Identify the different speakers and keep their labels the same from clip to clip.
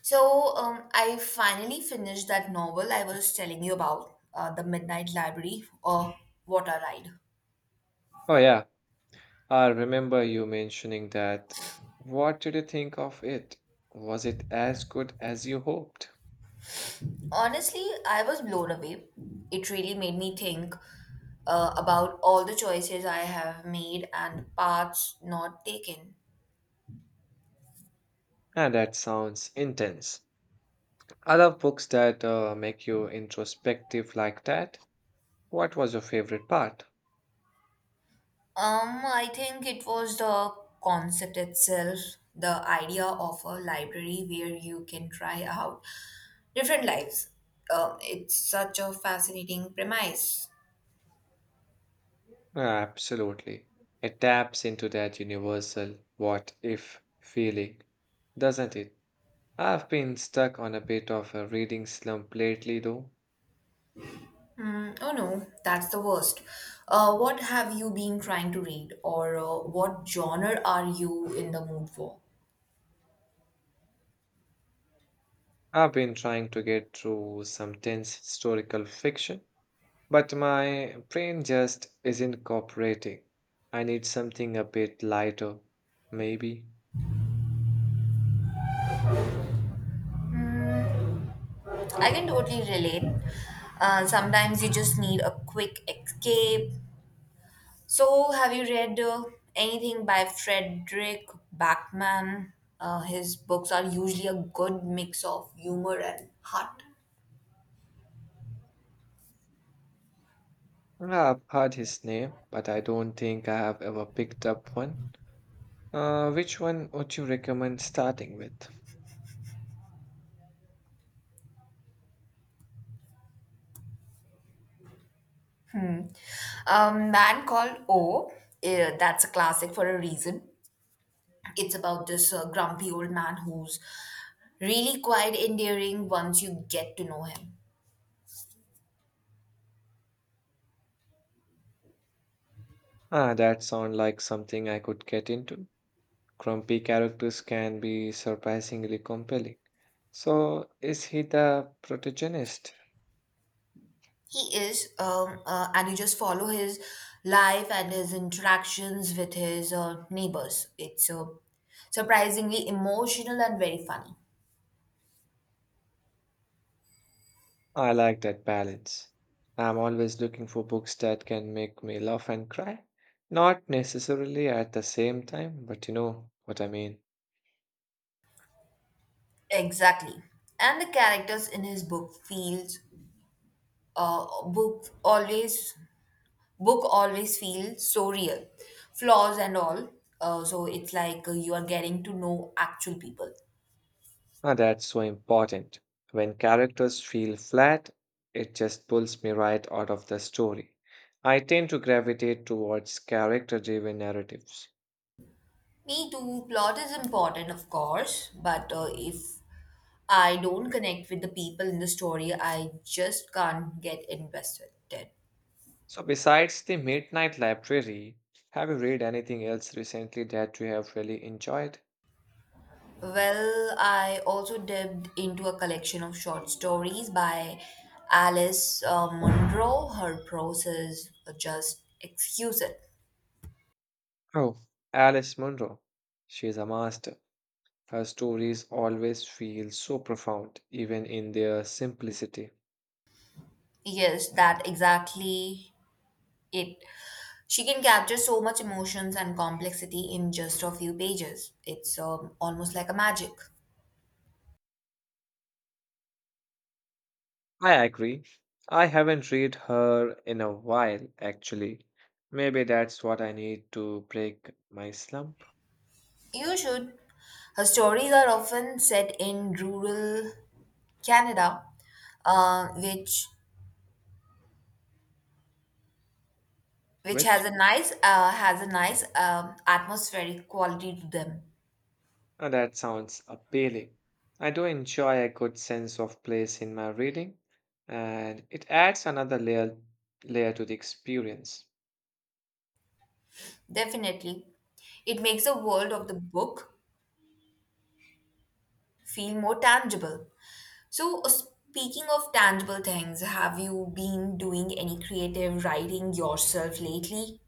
Speaker 1: So, I finally finished that novel I was telling you about, The Midnight Library or Water Ride.
Speaker 2: Oh, yeah. I remember you mentioning that. What did you think of it? Was it as good as you hoped?
Speaker 1: Honestly, I was blown away. It really made me think about all the choices I have made and paths not taken.
Speaker 2: And that sounds intense. I love books that make you introspective like that. What was your favorite part?
Speaker 1: I think it was the concept itself, the idea of a library where you can try out different lives. It's such a fascinating premise.
Speaker 2: Ah, absolutely. It taps into that universal what if feeling, doesn't it? I've been stuck on a bit of a reading slump lately, though.
Speaker 1: Oh no, that's the worst. What have you been trying to read, or what genre are you in the mood for?
Speaker 2: I've been trying to get through some tense historical fiction, but my brain just isn't cooperating. I need something a bit lighter, maybe.
Speaker 1: I can totally relate. Sometimes you just need a quick escape. So, have you read anything by Frederick Backman? His books are usually a good mix of humor and heart.
Speaker 2: Yeah, I've heard his name, but I don't think I have ever picked up one. Which one would you recommend starting with?
Speaker 1: Hmm. Man Called O, that's a classic for a reason. It's about this grumpy old man who's really quite endearing once you get to know him.
Speaker 2: Ah, that sounds like something I could get into. Grumpy characters can be surprisingly compelling. So, is he the protagonist?
Speaker 1: He is, and you just follow his life and his interactions with his neighbors. It's surprisingly emotional and very funny.
Speaker 2: I like that balance. I'm always looking for books that can make me laugh and cry. Not necessarily at the same time, but you know what I mean.
Speaker 1: Exactly. And the characters in his book feels uh book always book always feels so real. Flaws and all. So it's like you are getting to know actual people.
Speaker 2: Ah, that's so important. When characters feel flat, it just pulls me right out of the story. I tend to gravitate towards character driven narratives.
Speaker 1: Me too. Plot is important, of course, but if I don't connect with the people in the story, I just can't get invested.
Speaker 2: So, besides The Midnight Library, have you read anything else recently that you have really enjoyed?
Speaker 1: Well, I also dipped into a collection of short stories by Alice Munro. Her prose is just exquisite.
Speaker 2: Oh, Alice Munro. She's a master. Her stories always feel so profound, even in their simplicity.
Speaker 1: Yes, that exactly it. She can capture so much emotions and complexity in just a few pages. It's almost like a magic.
Speaker 2: I agree. I haven't read her in a while, actually. Maybe that's what I need to break my slump,
Speaker 1: You should. Her stories are often set in rural Canada, uh, which which has
Speaker 2: which
Speaker 1: a nice has a nice atmospheric quality to them.
Speaker 2: that sounds appealing. I do enjoy a good sense of place in my reading, and it adds another layer to the experience.
Speaker 1: Definitely, it makes the world of the book feel more tangible. So, speaking of tangible things, have you been doing any creative writing yourself lately?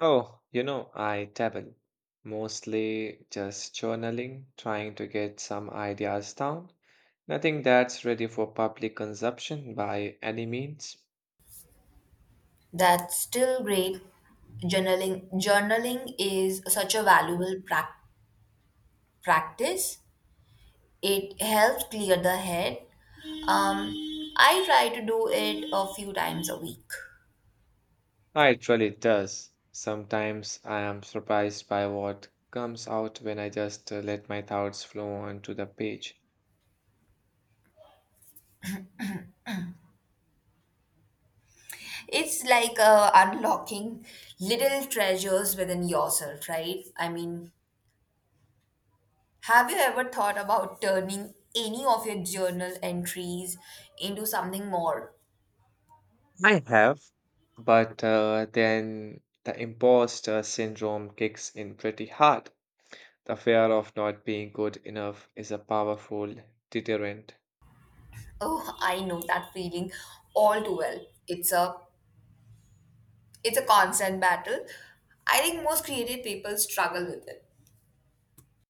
Speaker 2: Oh, you know, I dabble. Mostly just journaling, trying to get some ideas down. Nothing that's ready for public consumption by any means.
Speaker 1: That's still great. Journaling is such a valuable practice. It helps clear the head. Um, I try to do it a few times a week.
Speaker 2: Ah, it really does. Sometimes I am surprised by what comes out when I just let my thoughts flow onto the page.
Speaker 1: It's like unlocking little treasures within yourself, right? I mean, have you ever thought about turning any of your journal entries into something more?
Speaker 2: I have, but then the imposter syndrome kicks in pretty hard. The fear of not being good enough is a powerful deterrent.
Speaker 1: Oh, I know that feeling all too well. It's a constant battle. I think most creative people struggle with it.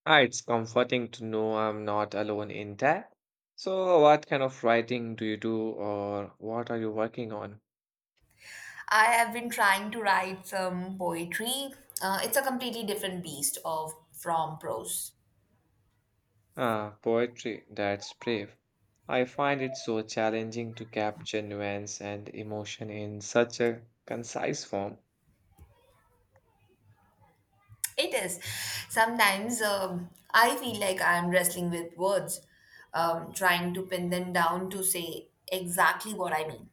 Speaker 2: Ah, it's comforting to know I'm not alone in that. So, what kind of writing do you do, or what are you working on?
Speaker 1: I have been trying to write some poetry. It's a completely different beast of from prose.
Speaker 2: Ah, poetry, that's brave. I find it so challenging to capture nuance and emotion in such a concise form.
Speaker 1: It is. Sometimes I feel like I'm wrestling with words, trying to pin them down to say exactly what I mean.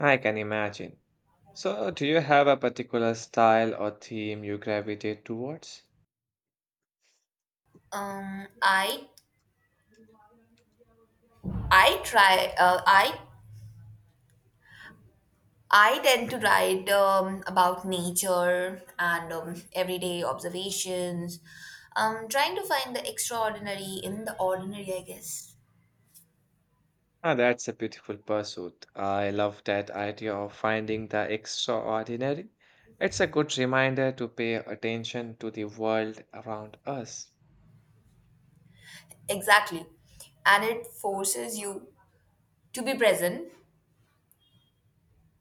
Speaker 2: I can imagine. So, do you have a particular style or theme you gravitate towards?
Speaker 1: Um, I I try. I tend to write about nature and everyday observations. Trying to find the extraordinary in the ordinary, I guess.
Speaker 2: Ah, that's a beautiful pursuit. I love that idea of finding the extraordinary. It's a good reminder to pay attention to the world around us.
Speaker 1: Exactly. And it forces you to be present,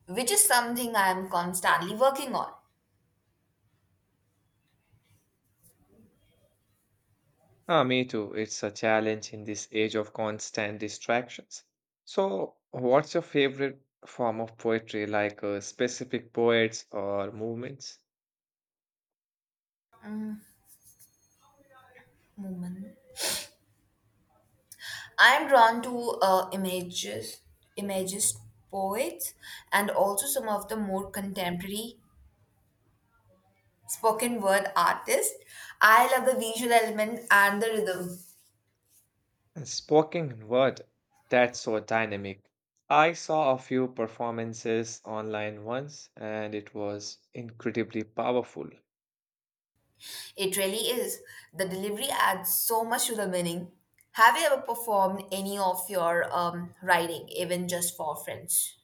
Speaker 1: which is something I am constantly working on.
Speaker 2: Ah, me too. It's a challenge in this age of constant distractions. So, what's your favorite form of poetry, like specific poets or movements?
Speaker 1: I am drawn to imagist poets, and also some of the more contemporary spoken word artists. I love the visual element and the rhythm.
Speaker 2: And spoken word, that's so dynamic. I saw a few performances online once and it was incredibly powerful.
Speaker 1: It really is. The delivery adds so much to the meaning. Have you ever performed any of your writing, even just for friends?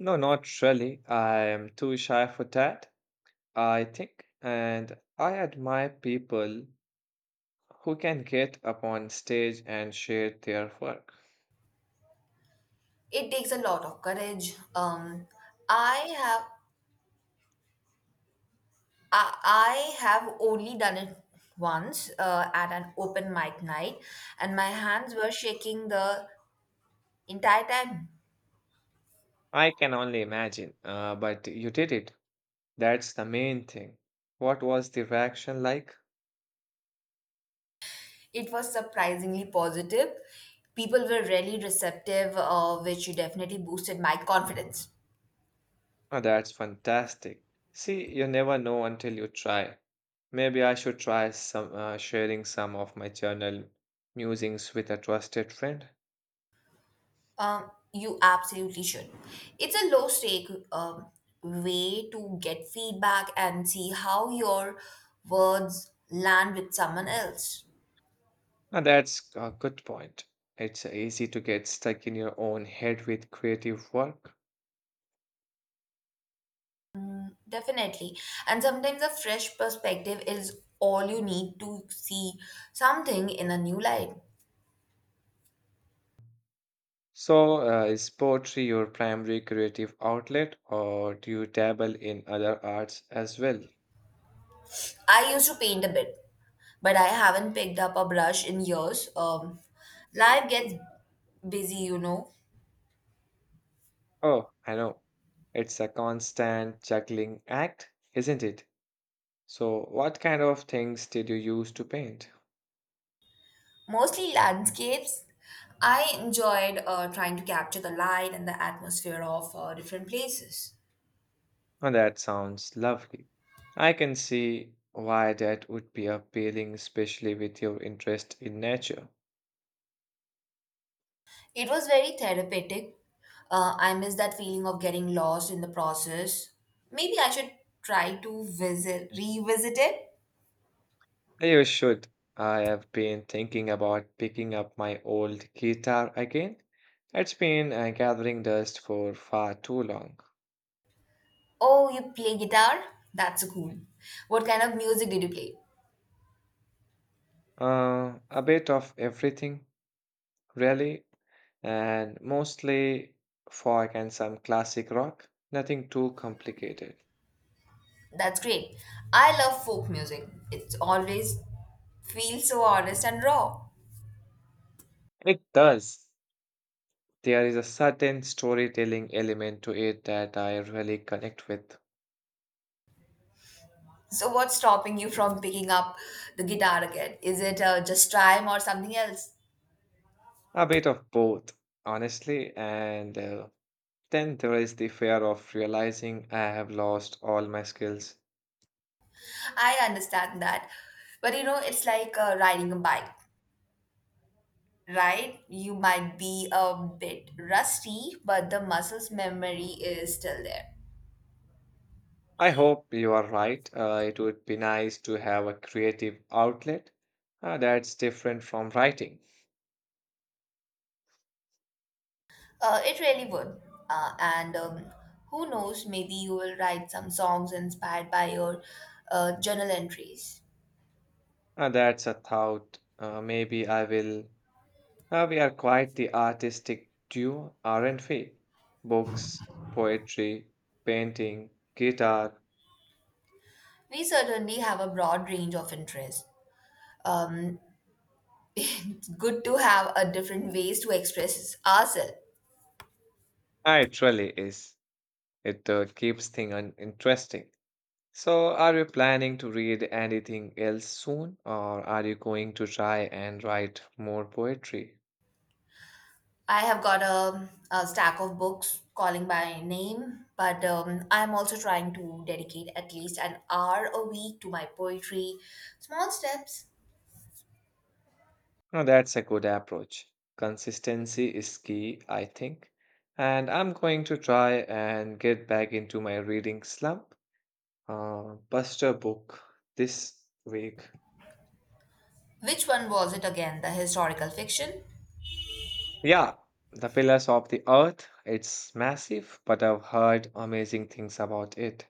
Speaker 2: No, not really. I am too shy for that, I think. And I admire people who can get up on stage and share their work.
Speaker 1: It takes a lot of courage. I have I have only done it once at an open mic night, and my hands were shaking the entire time.
Speaker 2: I can only imagine, but you did it. That's the main thing. What was the reaction like?
Speaker 1: It was surprisingly positive. People were really receptive, which definitely boosted my confidence.
Speaker 2: Oh, that's fantastic. See, you never know until you try. Maybe I should try some sharing some of my journal musings with a trusted friend.
Speaker 1: You absolutely should. It's a low stake way to get feedback and see how your words land with someone else.
Speaker 2: Ah, that's a good point. It's easy to get stuck in your own head with creative work.
Speaker 1: Definitely. And sometimes a fresh perspective is all you need to see something in a new light.
Speaker 2: So, is poetry your primary creative outlet, or do you dabble in other arts as well?
Speaker 1: I used to paint a bit, but I haven't picked up a brush in years. Life gets busy, you know,
Speaker 2: Oh, I know. It's a constant juggling act, isn't it? So, what kind of things did you use to paint?
Speaker 1: mostly landscapes. I enjoyed trying to capture the light and the atmosphere of different places.
Speaker 2: Oh, that sounds lovely. I can see why that would be appealing, especially with your interest in nature.
Speaker 1: It was very therapeutic. I miss that feeling of getting lost in the process. Maybe I should try to visit, revisit it.
Speaker 2: You should. I have been thinking about picking up my old guitar again. It's been gathering dust for far too long.
Speaker 1: Oh, you play guitar? That's cool. What kind of music did you play?
Speaker 2: A bit of everything, really, and mostly folk and some classic rock. Nothing too complicated.
Speaker 1: That's great. I love folk music. It's always feels so honest and raw.
Speaker 2: It does. There is a certain storytelling element to it that I really connect with.
Speaker 1: So what's stopping you from picking up the guitar again? Is it just time or something else?
Speaker 2: A bit of both, honestly, and then there is the fear of realizing I have lost all my skills.
Speaker 1: I understand that. But you know, it's like riding a bike. Right? You might be a bit rusty, but the muscle's memory is still there.
Speaker 2: I hope you are right. It would be nice to have a creative outlet that's different from writing.
Speaker 1: It really would. And Who knows, maybe you will write some songs inspired by your journal entries.
Speaker 2: That's a thought. Maybe I will. We are quite the artistic duo, aren't we? Books, poetry, painting, guitar.
Speaker 1: We certainly have a broad range of interests. Um, it's good to have a different ways to express ourselves.
Speaker 2: It really is. It keeps things interesting. So, are you planning to read anything else soon, or are you going to try and write more poetry?
Speaker 1: I have got a stack of books calling by name, but I'm also trying to dedicate at least an hour a week to my poetry. Small steps.
Speaker 2: No, that's a good approach. Consistency is key, I think. And I'm going to try and get back into my reading slump. Buster book this week.
Speaker 1: Which one was it again? The historical fiction?
Speaker 2: Yeah, The Pillars of the Earth. It's massive, but I've heard amazing things about it.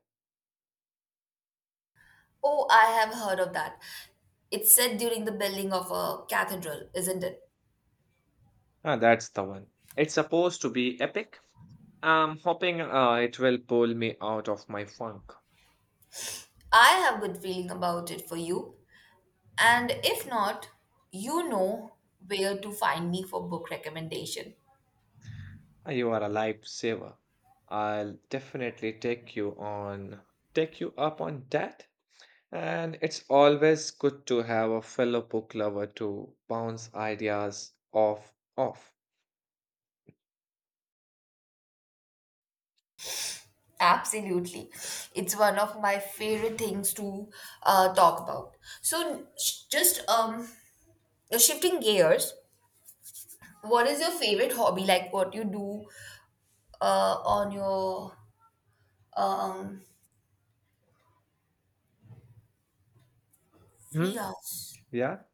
Speaker 1: Oh, I have heard of that. It's set during the building of a cathedral, isn't it?
Speaker 2: Ah, that's the one. It's supposed to be epic. I'm hoping it will pull me out of my funk.
Speaker 1: I have good feeling about it for you. And if not, you know where to find me for book recommendation.
Speaker 2: You are a lifesaver. I'll definitely take you up on that. And it's always good to have a fellow book lover to bounce ideas off.
Speaker 1: Absolutely. It's one of my favorite things to talk about. So, just shifting gears, what is your favorite hobby? Like what you do on your um, free
Speaker 2: Hmm?
Speaker 1: hours?
Speaker 2: Yeah.